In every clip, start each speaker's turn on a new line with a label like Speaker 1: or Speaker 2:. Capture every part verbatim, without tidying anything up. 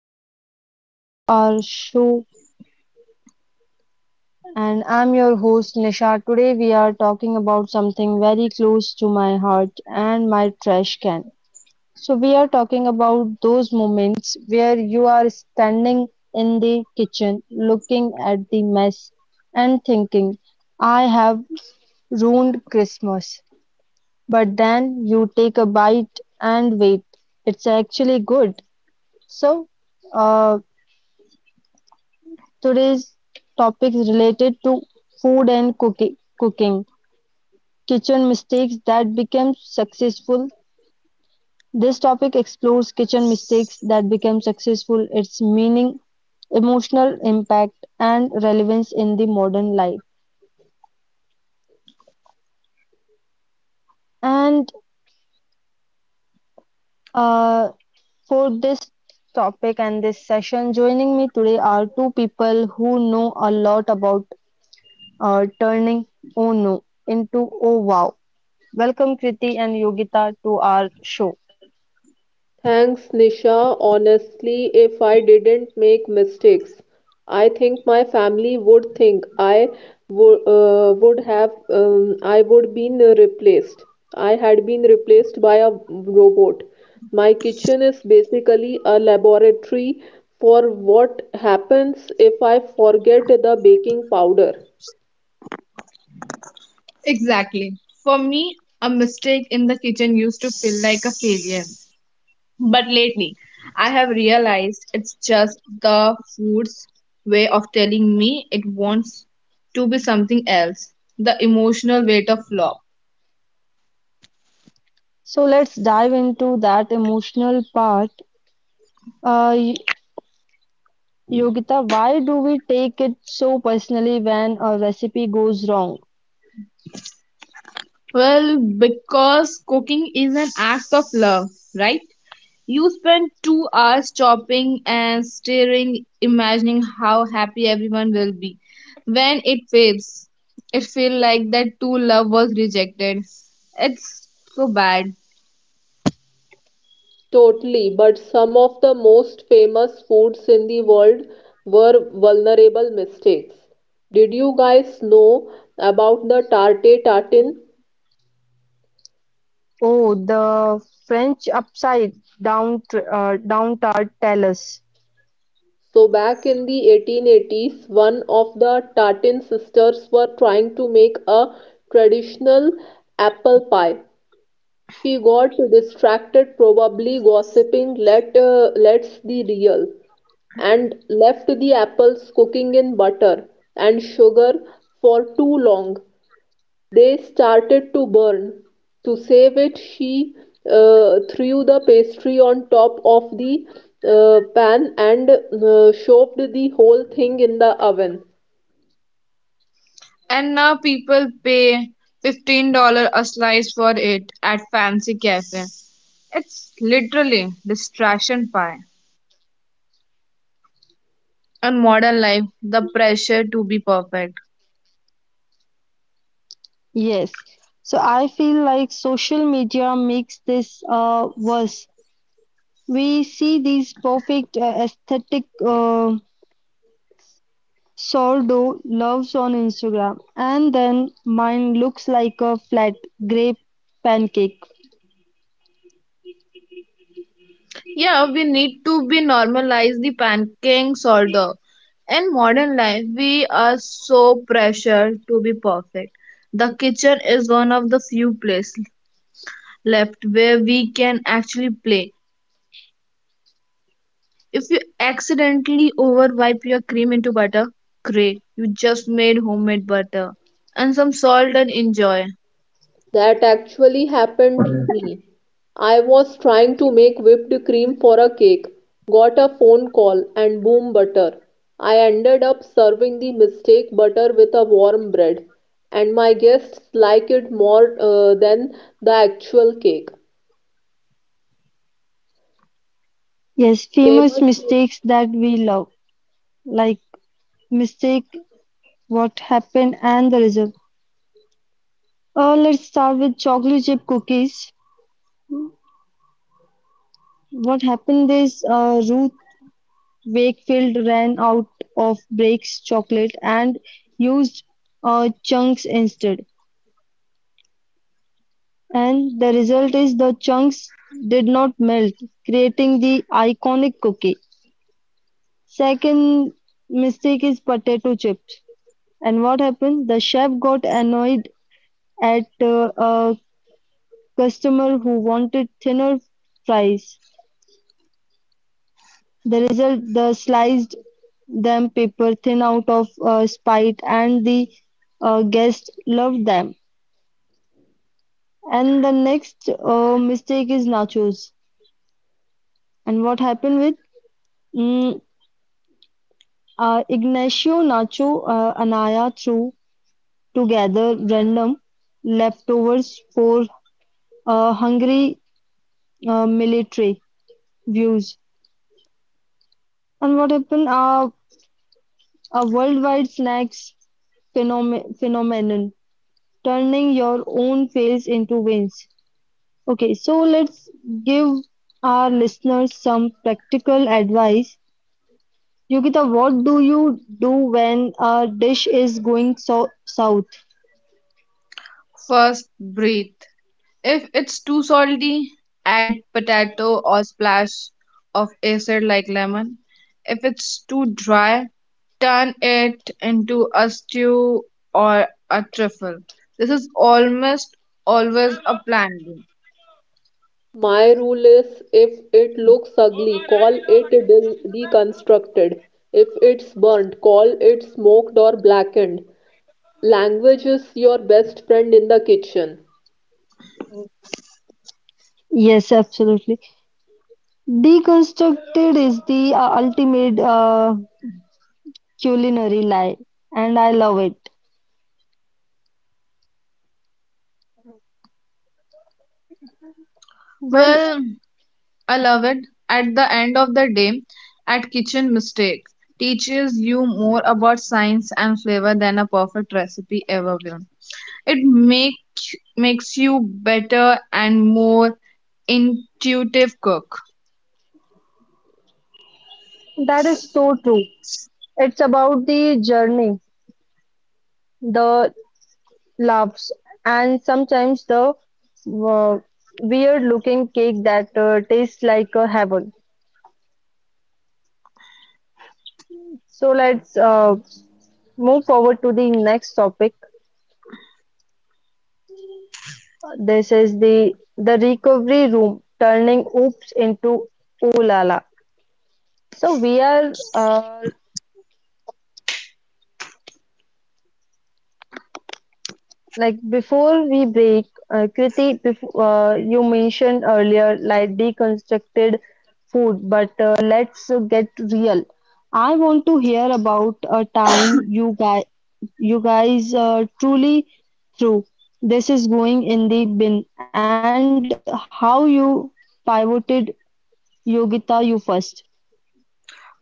Speaker 1: Welcome back to our show, and I'm your host Nisha. Today, we are talking about something very close to my heart and my trash can. So, we are talking about those moments where you are standing in the kitchen looking at the mess and thinking, I have ruined Christmas. But then you take a bite and wait, it's actually good. So, uh, Today's topic is related to food and cooki- cooking, kitchen mistakes that became successful. This topic explores kitchen mistakes that became successful, its meaning, emotional impact, and relevance in the modern life. And uh, for this topic and this session, joining me today are two people who know a lot about uh, turning oh no into oh wow. Welcome, Kriti and Yogita, to our show.
Speaker 2: Thanks, Nisha. Honestly, if I didn't make mistakes, I think my family would think I wo- uh, would have um, I would been replaced. I had been replaced by a robot. My kitchen is basically a laboratory for what happens if I forget the baking powder.
Speaker 3: Exactly. For me, a mistake in the kitchen used to feel like a failure. But lately, I have realized it's just the food's way of telling me it wants to be something else. The emotional weight of love.
Speaker 1: So let's dive into that emotional part. Uh, Y- Yogita, why do we take it so personally when a recipe goes wrong?
Speaker 3: Well, because cooking is an act of love, right? You spend two hours chopping and staring, imagining how happy everyone will be. When it fades. It feels like that two love was rejected. It's so bad.
Speaker 2: Totally, but some of the most famous foods in the world were vulnerable mistakes. Did you guys know about the tarte tartan?
Speaker 1: Oh, the French upside down tr uh, down tart, tell us.
Speaker 2: So, back in the eighteen eighties, one of the tartan sisters were trying to make a traditional apple pie. She got distracted, probably gossiping let, uh, let's the real, and left the apples cooking in butter and sugar for too long. They started to burn. To save it, she uh, threw the pastry on top of the uh, pan and uh, shoved the whole thing in the oven.
Speaker 3: And now people pay fifteen dollars a slice for it at fancy cafe. It's literally distraction pie. In modern life, the pressure to be perfect.
Speaker 1: Yes. So I feel like social media makes this uh, worse. We see these perfect uh, aesthetic uh, sourdough loaves on Instagram, and then mine looks like a flat grape pancake.
Speaker 3: Yeah, we need to be normalize the panicking disorder. In modern life, we are so pressured to be perfect. The kitchen is one of the few places left where we can actually play. If you accidentally overwipe your cream into butter, great. You just made homemade butter. And some salt and enjoy.
Speaker 2: That actually happened to me. I was trying to make whipped cream for a cake, got a phone call, and boom, butter. I ended up serving the mistake butter with a warm bread, and my guests like it more uh, than the actual cake.
Speaker 1: Yes, famous
Speaker 2: Famously,
Speaker 1: mistakes that we love, like mistake, what happened, and the result. Uh, let's start with chocolate chip cookies. What happened is uh, Ruth Wakefield ran out of Blake's chocolate and used uh, chunks instead. And the result is the chunks did not melt, creating the iconic cookie. Second mistake is potato chips. And what happened? The chef got annoyed at uh, uh, customer who wanted thinner fries, the result they sliced them paper thin out of uh, spite, and the uh, guests loved them. And the next uh, mistake is nachos. And what happened with mm, uh, Ignacio Nacho uh, Anaya threw together random leftovers for uh, hungry uh, military views. And what happened? Uh, a worldwide snacks phenome- phenomenon. Turning your own fails into wins. Okay, so let's give our listeners some practical advice. Yogita, what do you do when a dish is going so south?
Speaker 3: First, breathe. If it's too salty, add potato or splash of acid like lemon. If it's too dry, turn it into a stew or a truffle. This is almost always a plan B.
Speaker 2: my rule is if it looks ugly, call it de- deconstructed. If it's burnt, call it smoked or blackened. Language is your best friend in the kitchen.
Speaker 1: Yes, absolutely. Deconstructed is the uh, ultimate uh, culinary lie, and I love it. Well,
Speaker 3: Well, I love it. At the end of the day, at kitchen mistake teaches you more about science and flavor than a perfect recipe ever will. It make makes you better and more intuitive cook.
Speaker 1: that is so true. It's about the journey, the loves, and sometimes the uh, weird looking cake that uh, tastes like a heaven. So let's uh, move forward to the next topic. This is the the recovery room turning oops into ooh la la. So we are uh, Like before we break, uh, Kriti, before, uh, you mentioned earlier like deconstructed food, but uh, let's uh, get real. I want to hear about a time you guys you guys uh, truly threw this is going in the bin and how you pivoted. Yogita, you first.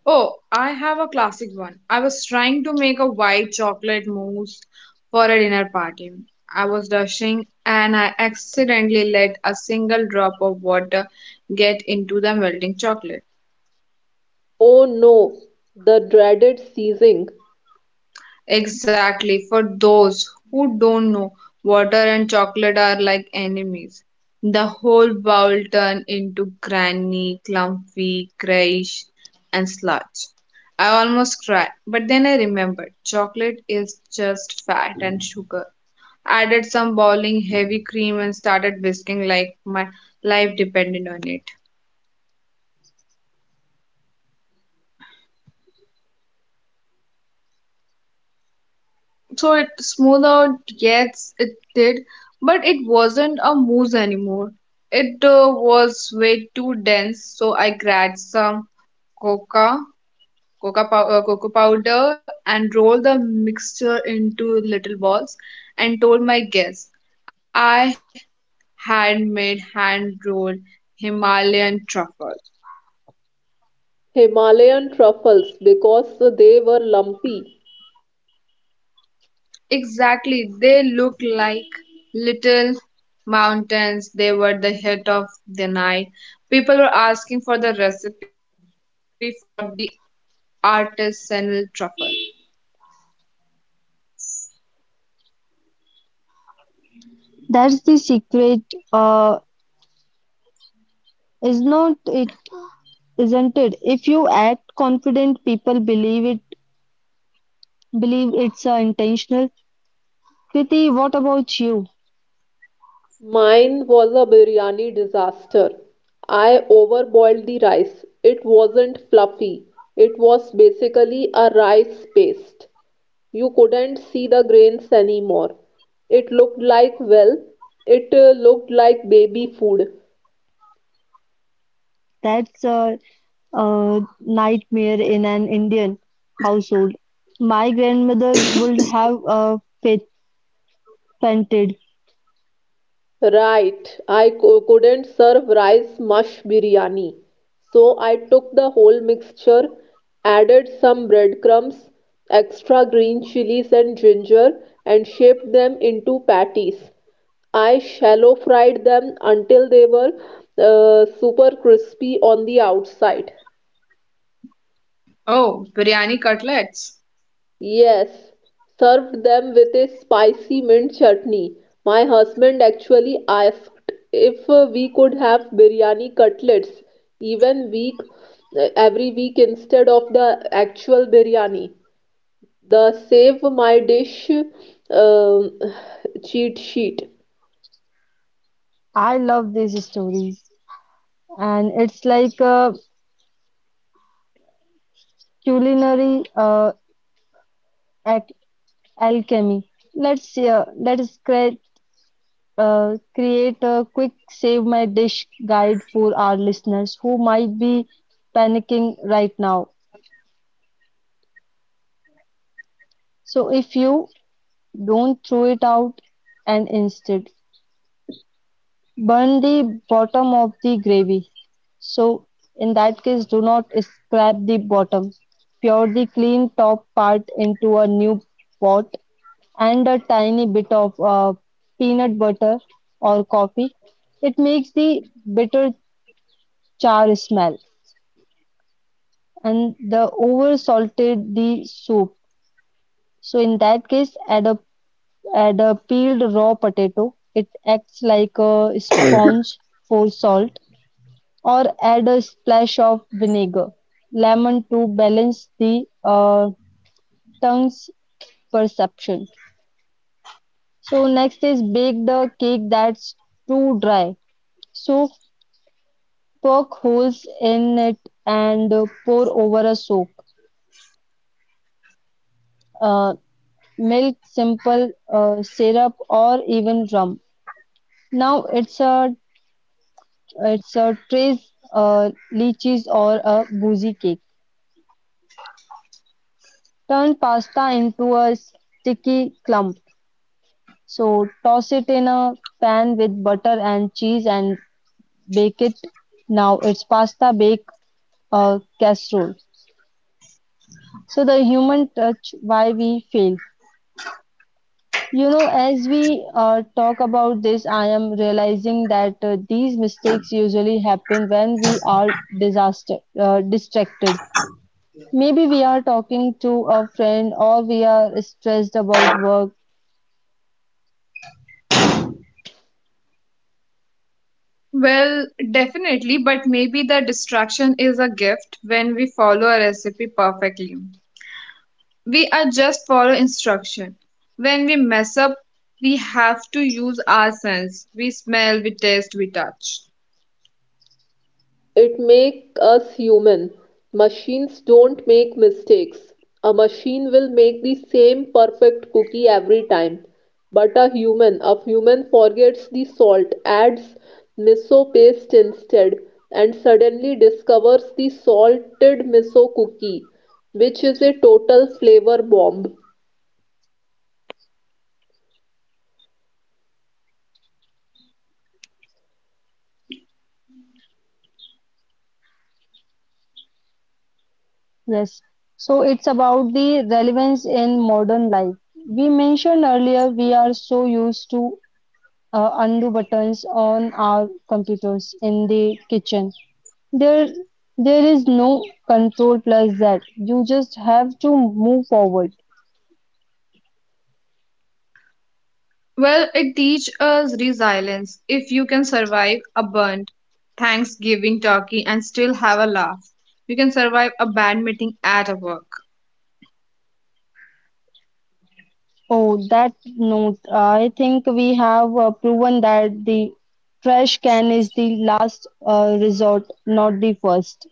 Speaker 3: Oh, I have a classic one. I was trying to make a white chocolate mousse for a dinner party. I was rushing and I accidentally let a single drop of water get into the melting chocolate.
Speaker 2: Oh no, the dreaded seizing.
Speaker 3: Exactly, for those who don't know, water and chocolate are like enemies. The whole bowl turned into granny, clumpy, grayish, and sludge. I almost cried, but then I remembered chocolate is just fat and sugar. Added some boiling heavy cream and started whisking like my life depended on it. So it smoothed out, yes it did, but it wasn't a mousse anymore. It uh, was way too dense, so I grabbed some coca coca pow- uh, cocoa powder and rolled the mixture into little balls and told my guests I had made hand rolled himalayan truffle.
Speaker 2: Himalayan truffles because they were lumpy.
Speaker 3: Exactly, they look like little mountains, they were the hit of the night. People were asking for the recipe for the artisanal truffle.
Speaker 1: That's the secret, uh, is not it, isn't it? If you act confident, people believe it, believe it's uh, intentional. Kriti, what about you?
Speaker 2: Mine was a biryani disaster. I overboiled the rice. It wasn't fluffy. It was basically a rice paste. You couldn't see the grains anymore. It looked like, well, it uh, looked like baby food.
Speaker 1: That's a, a nightmare in an Indian household. My grandmother would have uh, fa- fainted.
Speaker 2: Right, I co- couldn't serve rice mush biryani. So I took the whole mixture, added some breadcrumbs, extra green chilies and ginger, and shaped them into patties. I shallow fried them until they were uh, super crispy on the outside.
Speaker 3: Oh, biryani cutlets.
Speaker 2: Yes, served them with a spicy mint chutney. My husband actually asked if uh, we could have biryani cutlets even week uh, every week instead of the actual biryani. The save my dish um cheat sheet.
Speaker 1: I love these stories, and it's like a culinary uh, ac- alchemy. Let's uh, let's crack uh, create a quick save my dish guide for our listeners who might be panicking right now. So if you don't throw it out and instead burn the bottom of the gravy. So in that case, do not scrap the bottom. Pour the clean top part into a new pot and a tiny bit of uh, peanut butter or coffee. It makes the bitter char smell and the over salted the soup. So in that case, add a add a peeled raw potato. It acts like a sponge for salt, or add a splash of vinegar, lemon to balance the uh, tongue's perception. So next is bake the cake that's too dry. So poke holes in it and uh, pour over a soak. Uh, Milk, simple uh, syrup, or even rum. Now it's a it's a trace uh, lychees or a boozy cake. Turn pasta into a sticky clump. So toss it in a pan with butter and cheese and bake it. Now it's pasta bake uh, casserole. So the human touch why we fail. You know, as we uh, talk about this, I am realizing that uh, these mistakes usually happen when we are disaster uh, distracted. Maybe we are talking to a friend or we are stressed about work.
Speaker 3: Well, definitely, but maybe the distraction is a gift. When we follow a recipe perfectly, we are just follow instruction. When we mess up, we have to use our sense. We smell, we taste, we touch.
Speaker 2: It make us human. Machines don't make mistakes. A machine will make the same perfect cookie every time. But a human, a human forgets the salt, adds miso paste instead, and suddenly discovers the salted miso cookie, which is a total flavor bomb.
Speaker 1: Yes. So it's about the relevance in modern life. We mentioned earlier we are so used to uh, undo buttons on our computers in the kitchen. There, there is no control plus that. You just have to move forward.
Speaker 3: Well, it teaches us resilience. If you can survive a burnt Thanksgiving turkey and still have a laugh, you can survive a bad meeting at a work.
Speaker 1: Oh, that note, I think we have uh, proven that the trash can is the last uh, resort, not the first.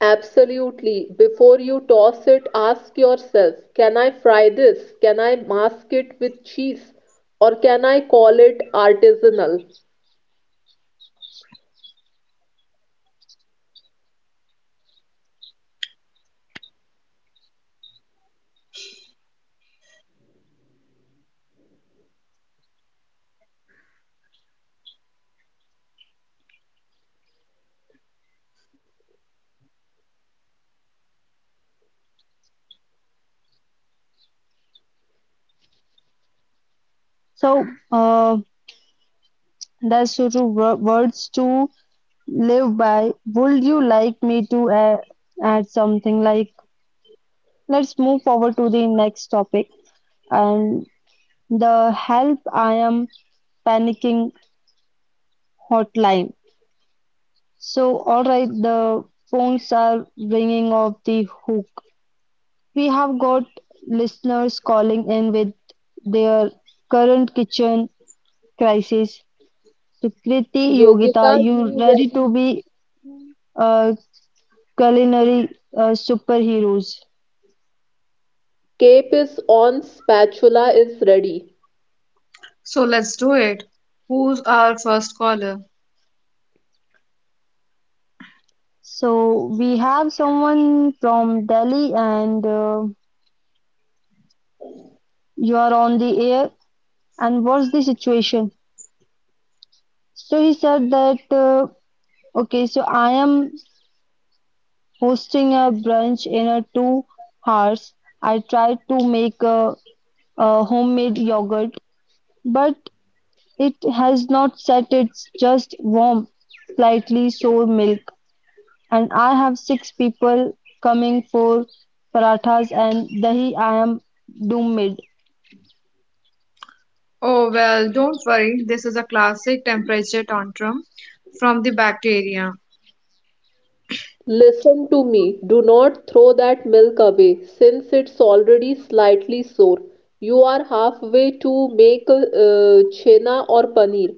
Speaker 2: Absolutely. Before you toss it, ask yourself, can I fry this? Can I mask it with cheese? Or can I call it artisanal?
Speaker 1: So, uh, that's sort of wo- words to live by. Would you like me to uh, add something like, let's move forward to the next topic and the help I am panicking hotline. So, all right, the phones are ringing off the hook. We have got listeners calling in with their current kitchen crisis. So, Kriti,
Speaker 2: Yogita,
Speaker 1: Yogita, you
Speaker 2: you
Speaker 1: ready
Speaker 2: ready?
Speaker 1: to be uh, culinary uh, superheroes?
Speaker 2: Cape is on, spatula is ready.
Speaker 3: So let's do it. Who's our first caller?
Speaker 1: So, we have someone from Delhi and uh, you are on the air. And what's the situation? So, he said that, uh, okay, so I am hosting a brunch in a two hours. I tried to make a, a homemade yogurt. But it has not set, it's just warm, slightly sour milk. And I have six people coming for parathas and dahi. I am doomed.
Speaker 3: Oh, well, don't worry. This is a classic temperature tantrum from the bacteria.
Speaker 2: Listen to me. Do not throw that milk away since it's already slightly sore. You are halfway to make uh, chhena or paneer.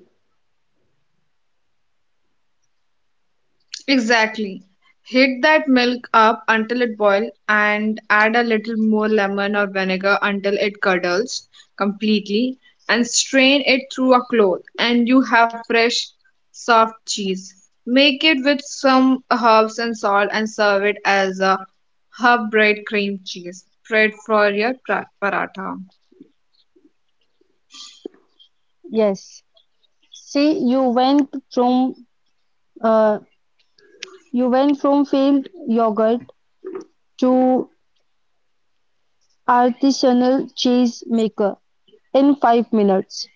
Speaker 3: Exactly. Heat that milk up until it boils and add a little more lemon or vinegar until it curdles completely and strain it through a cloth and you have fresh soft cheese. Make it with some herbs and salt and serve it as a herb bread cream cheese spread for your pra- paratha.
Speaker 1: Yes. See, you went from uh, you went from failed yogurt to artisanal cheese maker in five minutes.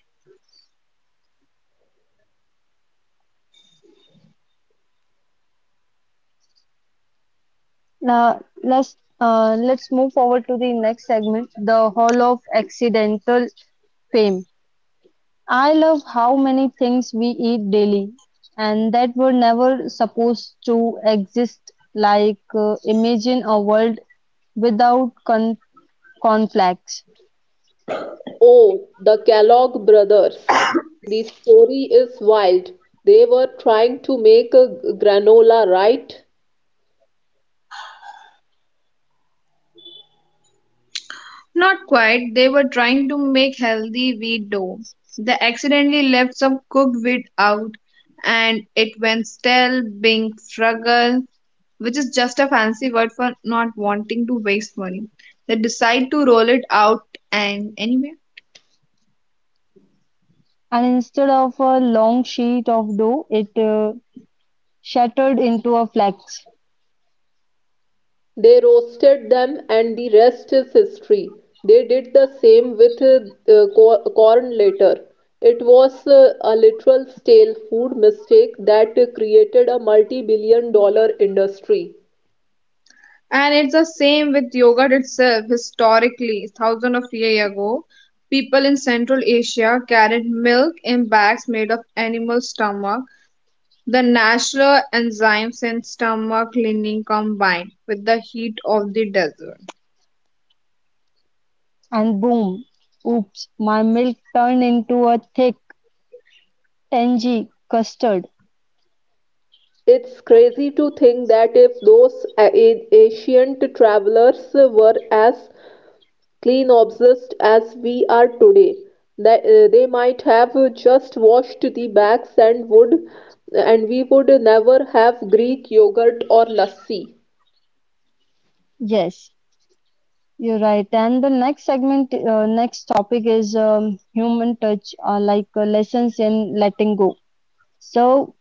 Speaker 1: Now let's uh, let's move forward to the next segment, the Hall of Accidental Fame. I love how many things we eat daily and that were never supposed to exist. Like, uh, imagine a world without con- conflicts,
Speaker 2: Oh, the Kellogg brothers. The story is wild. They were trying to make a g- granola, right?
Speaker 3: Not quite. They were trying to make healthy wheat dough. They accidentally left some cooked wheat out and it went stale, being frugal, which is just a fancy word for not wanting to waste money. They decide to roll it out and anyway.
Speaker 1: and instead of a long sheet of dough, it uh, shattered into a flex,
Speaker 2: They roasted them, and the rest is history. They did the same with uh, uh, cor- corn later. It was uh, a literal stale food mistake that uh, created a multi-billion dollar industry.
Speaker 3: And it's the same with yogurt itself. Historically, thousands of years ago, people in Central Asia carried milk in bags made of animal stomach. The natural enzymes in stomach lining combine with the heat of the desert.
Speaker 1: and boom, oops, my milk turned into a thick, tangy custard.
Speaker 2: It's crazy to think that if those a- a- ancient travelers were as clean obsessed as we are today. That, uh, they might have just washed the backs and would and we would never have Greek yogurt or lassi.
Speaker 1: Yes, you're right. And the next segment, uh, next topic is um, human touch, uh, like uh, lessons in letting go. So,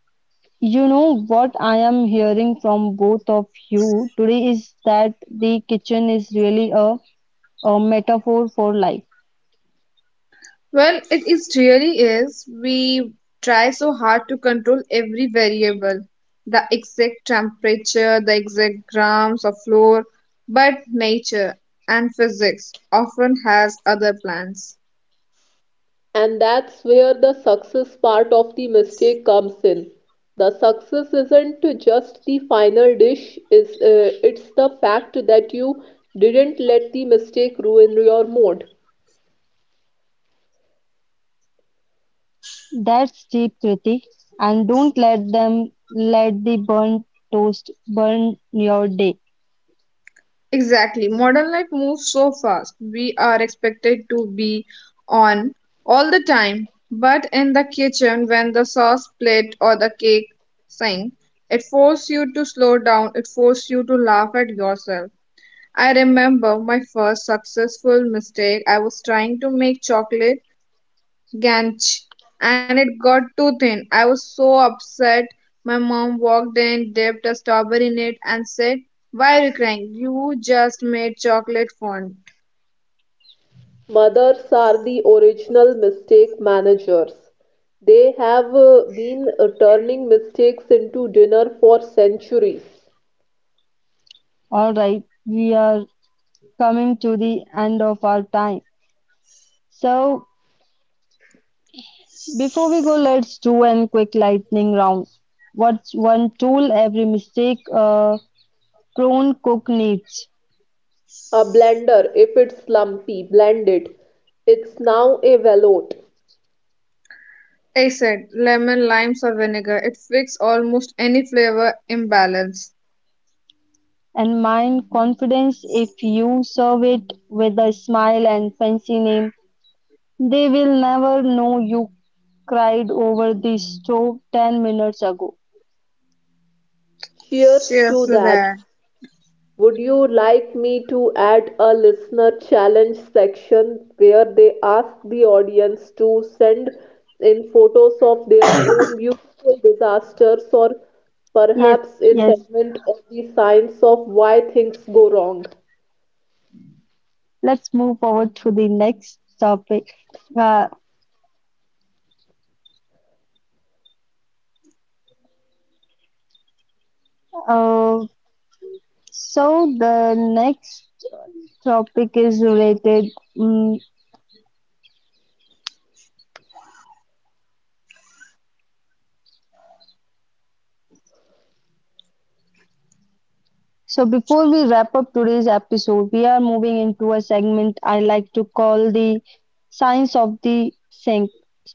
Speaker 1: you know what I am hearing from both of you today is that the kitchen is really a, a metaphor for life.
Speaker 3: Well, it is really is. We try so hard to control every variable, the exact temperature, the exact grams of flour, but nature and physics often has other plans.
Speaker 2: And that's where the success part of the mistake comes in. The success isn't just the final dish, is uh, it's the fact that you didn't let the mistake ruin your mood.
Speaker 1: That's deep, Kriti. And don't let them let the burnt toast burn your day.
Speaker 3: Exactly. Modern life moves so fast. We are expected to be on all the time, but in the kitchen, when the sauce plate or the cake sing, it forces you to slow down, it forces you to laugh at yourself. I remember my first successful mistake. I was trying to make chocolate ganch and it got too thin. I was so upset. My mom walked in, dipped a strawberry in it, and said, why are you crying? You just made chocolate fond.
Speaker 2: Mothers are the original mistake managers. They have uh, been uh, turning mistakes into dinner for centuries.
Speaker 1: All right, we are coming to the end of our time. So, before we go, let's do a quick lightning round. What's one tool every mistake uh, prone cook needs?
Speaker 2: A blender, if it's lumpy, blend it. It's now a veloute.
Speaker 3: I said, lemon, limes, or vinegar. It fixes almost any flavor imbalance.
Speaker 1: And mind confidence if you serve it with a smile and fancy name. They will never know you cried over the stove ten minutes ago.
Speaker 2: Cheers
Speaker 3: Cheers
Speaker 2: to
Speaker 3: to
Speaker 2: that.
Speaker 3: that.
Speaker 2: Would you like me to add a listener challenge section where they ask the audience to send in photos of their own beautiful disasters or
Speaker 1: Yes,
Speaker 2: perhaps a
Speaker 1: yes.
Speaker 2: segment on the science of why things go wrong?
Speaker 1: Let's move forward to the next topic. Uh, uh, so, the next topic is related. mm So, before we wrap up today's episode, we are moving into a segment I like to call the science of the sink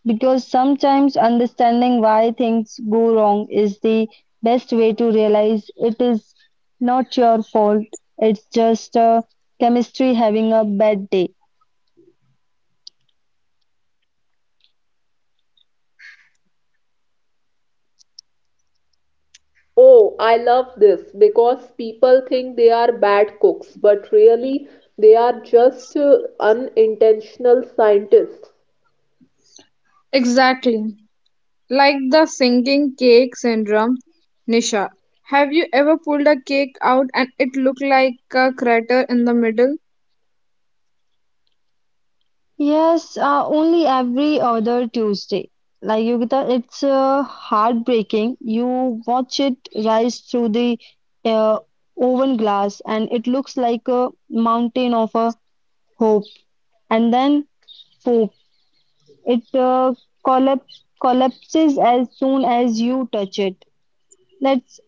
Speaker 1: because sometimes understanding why things go wrong is the best way to realize it is not your fault, it's just uh, chemistry having a bad day.
Speaker 2: Oh, I love this because people think they are bad cooks, but really they are just uh, unintentional scientists.
Speaker 3: Exactly. Like the sinking cake syndrome, Nisha. Have you ever pulled a cake out and it looked like a crater in the middle?
Speaker 1: Yes, uh, only every other Tuesday. Like Yogita, it's uh, heartbreaking. You watch it rise through the uh, oven glass, and it looks like a mountain of a hope. And then, poof, it uh, collapse, collapses as soon as you touch it. Let's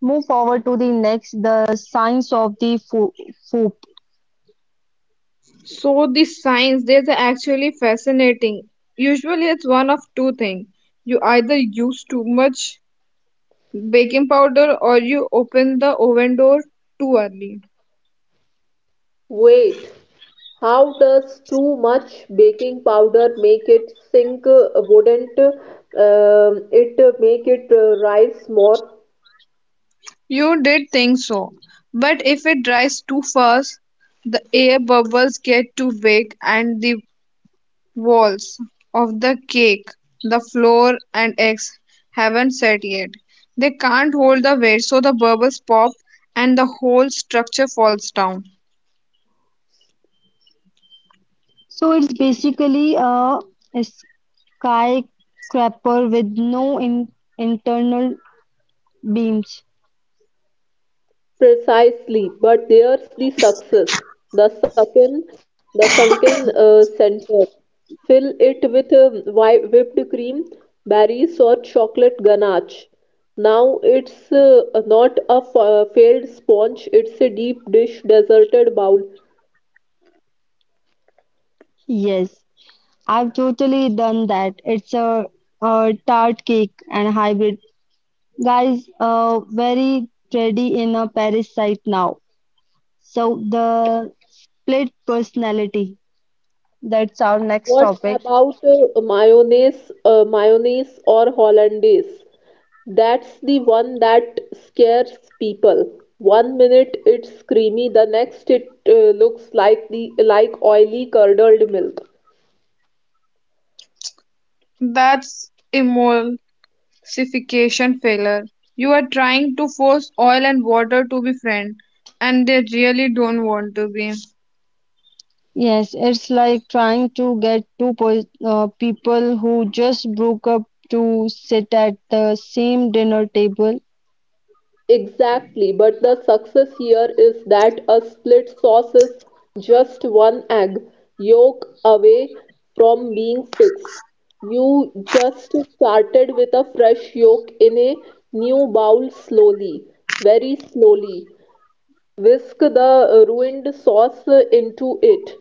Speaker 1: move forward to the next, the science of the fo- foop.
Speaker 3: So the science days are actually fascinating. Usually it's one of two things. You either use too much baking powder or you open the oven door too early.
Speaker 2: Wait, how does too much baking powder make it sink? Uh, Wouldn't um, it make it uh, rise more
Speaker 3: You did think so. But if it dries too fast, the air bubbles get too big and the walls of the cake, the flour and eggs haven't set yet. They can't hold the weight so the bubbles pop and the whole structure falls down.
Speaker 1: So it's basically a Sky scraper with no in internal beams.
Speaker 2: precisely? But there's the success, the sunken, the sunken uh, center. Fill it with um, whi- whipped cream, berries, or chocolate ganache. Now it's uh, not a f- uh, failed sponge, it's a deep dish, deserted bowl.
Speaker 1: Yes, I've totally done that. It's a, a tart cake and hybrid. Guys, uh, very trendy in a Paris site now. So the split personality. That's our next
Speaker 2: What
Speaker 1: topic.
Speaker 2: about uh, mayonnaise, uh, mayonnaise or hollandaise? That's the one that scares people. One minute it's creamy, the next it uh, looks like the like oily curdled milk.
Speaker 3: That's emulsification failure. You are trying to force oil and water to be friends, and they really don't want to be.
Speaker 1: Yes, it's like trying to get two po uh, people who just broke up to sit at the same dinner table.
Speaker 2: Exactly, but the success here is that a split sauce is just one egg yolk away from being fixed. You just started with a fresh yolk in a new bowl slowly, very slowly. Whisk the ruined sauce into it.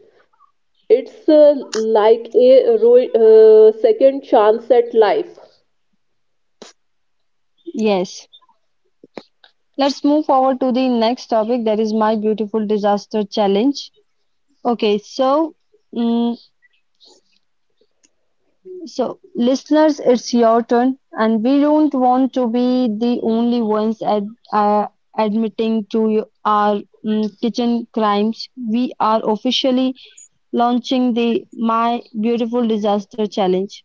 Speaker 2: It's uh, like a ru- uh, second chance at life.
Speaker 1: Yes, let's move forward to the next topic that is my beautiful disaster challenge. Okay, so mm, so listeners, it's your turn, and we don't want to be the only ones ad, uh, admitting to y- our mm, kitchen crimes. We are officially launching the my beautiful disaster challenge.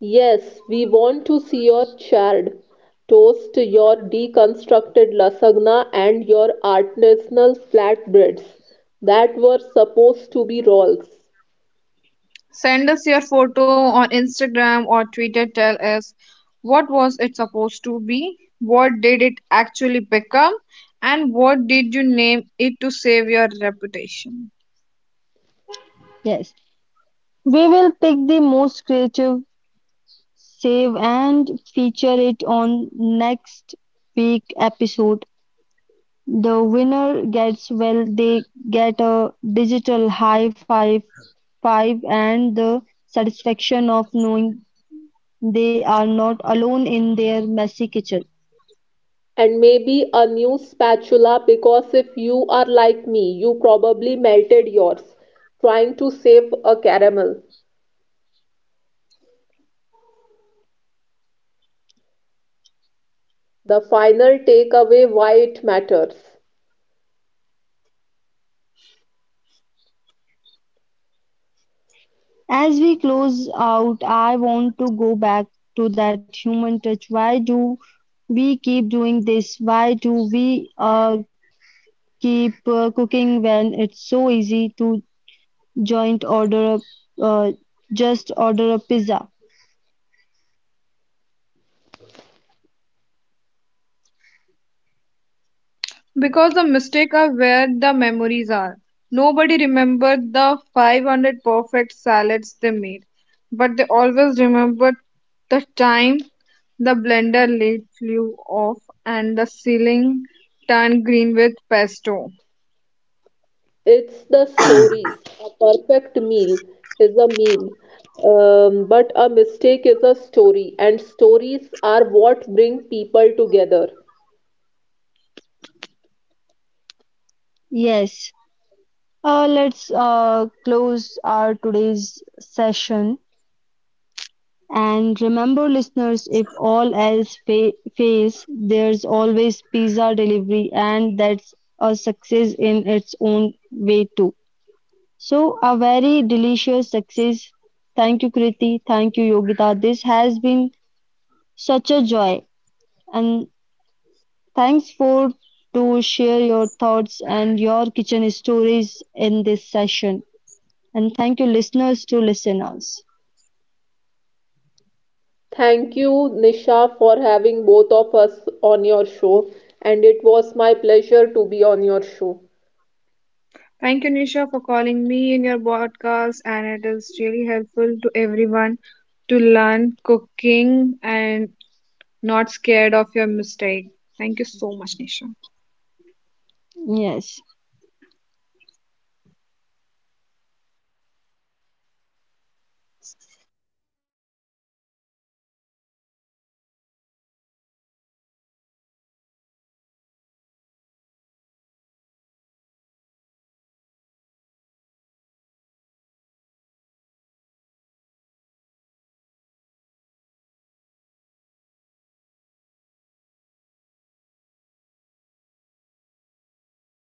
Speaker 2: Yes, we want to see your charred toast, your deconstructed lasagna, and your artisanal flatbreads that were supposed to be rolls.
Speaker 3: Send us your photo on Instagram or Twitter. Tell us what was it supposed to be, what did it actually become, and what did you name it to save your reputation?
Speaker 1: Yes, we will pick the most creative, save and feature it on next week episode. The winner gets, well, they get a digital high five five and the satisfaction of knowing they are not alone in their messy kitchen.
Speaker 2: And maybe a new spatula because if you are like me, you probably melted yours trying to save a caramel. The final takeaway why it matters.
Speaker 1: As we close out, I want to go back to that human touch. Why do we keep doing this? Why do we uh, keep uh, cooking when it's so easy to joint order a, uh, just order a pizza?
Speaker 3: Because the mistakes are where the memories are. Nobody remembered the five hundred perfect salads they made, but they always remembered the time the blender lid flew off and the ceiling turned green with pesto.
Speaker 2: It's the stories. A perfect meal is a meal, um, but a mistake is a story, and stories are what bring people together.
Speaker 1: Yes, Uh, let's uh, close our today's session. And remember, listeners, if all else fa- fails, there's always pizza delivery, and that's a success in its own way, too. So, a very delicious success. Thank you, Kriti. Thank you, Yogita. This has been such a joy. And thanks for to share your thoughts and your kitchen stories in this session. And thank you, listeners, to listen us.
Speaker 2: Thank you, Nisha, for having both of us on your show, and it was my pleasure to be on your show.
Speaker 3: Thank you, Nisha, for calling me in your podcast, and it is really helpful to everyone to learn cooking and not scared of your mistake. Thank you so much, Nisha.
Speaker 1: Yes.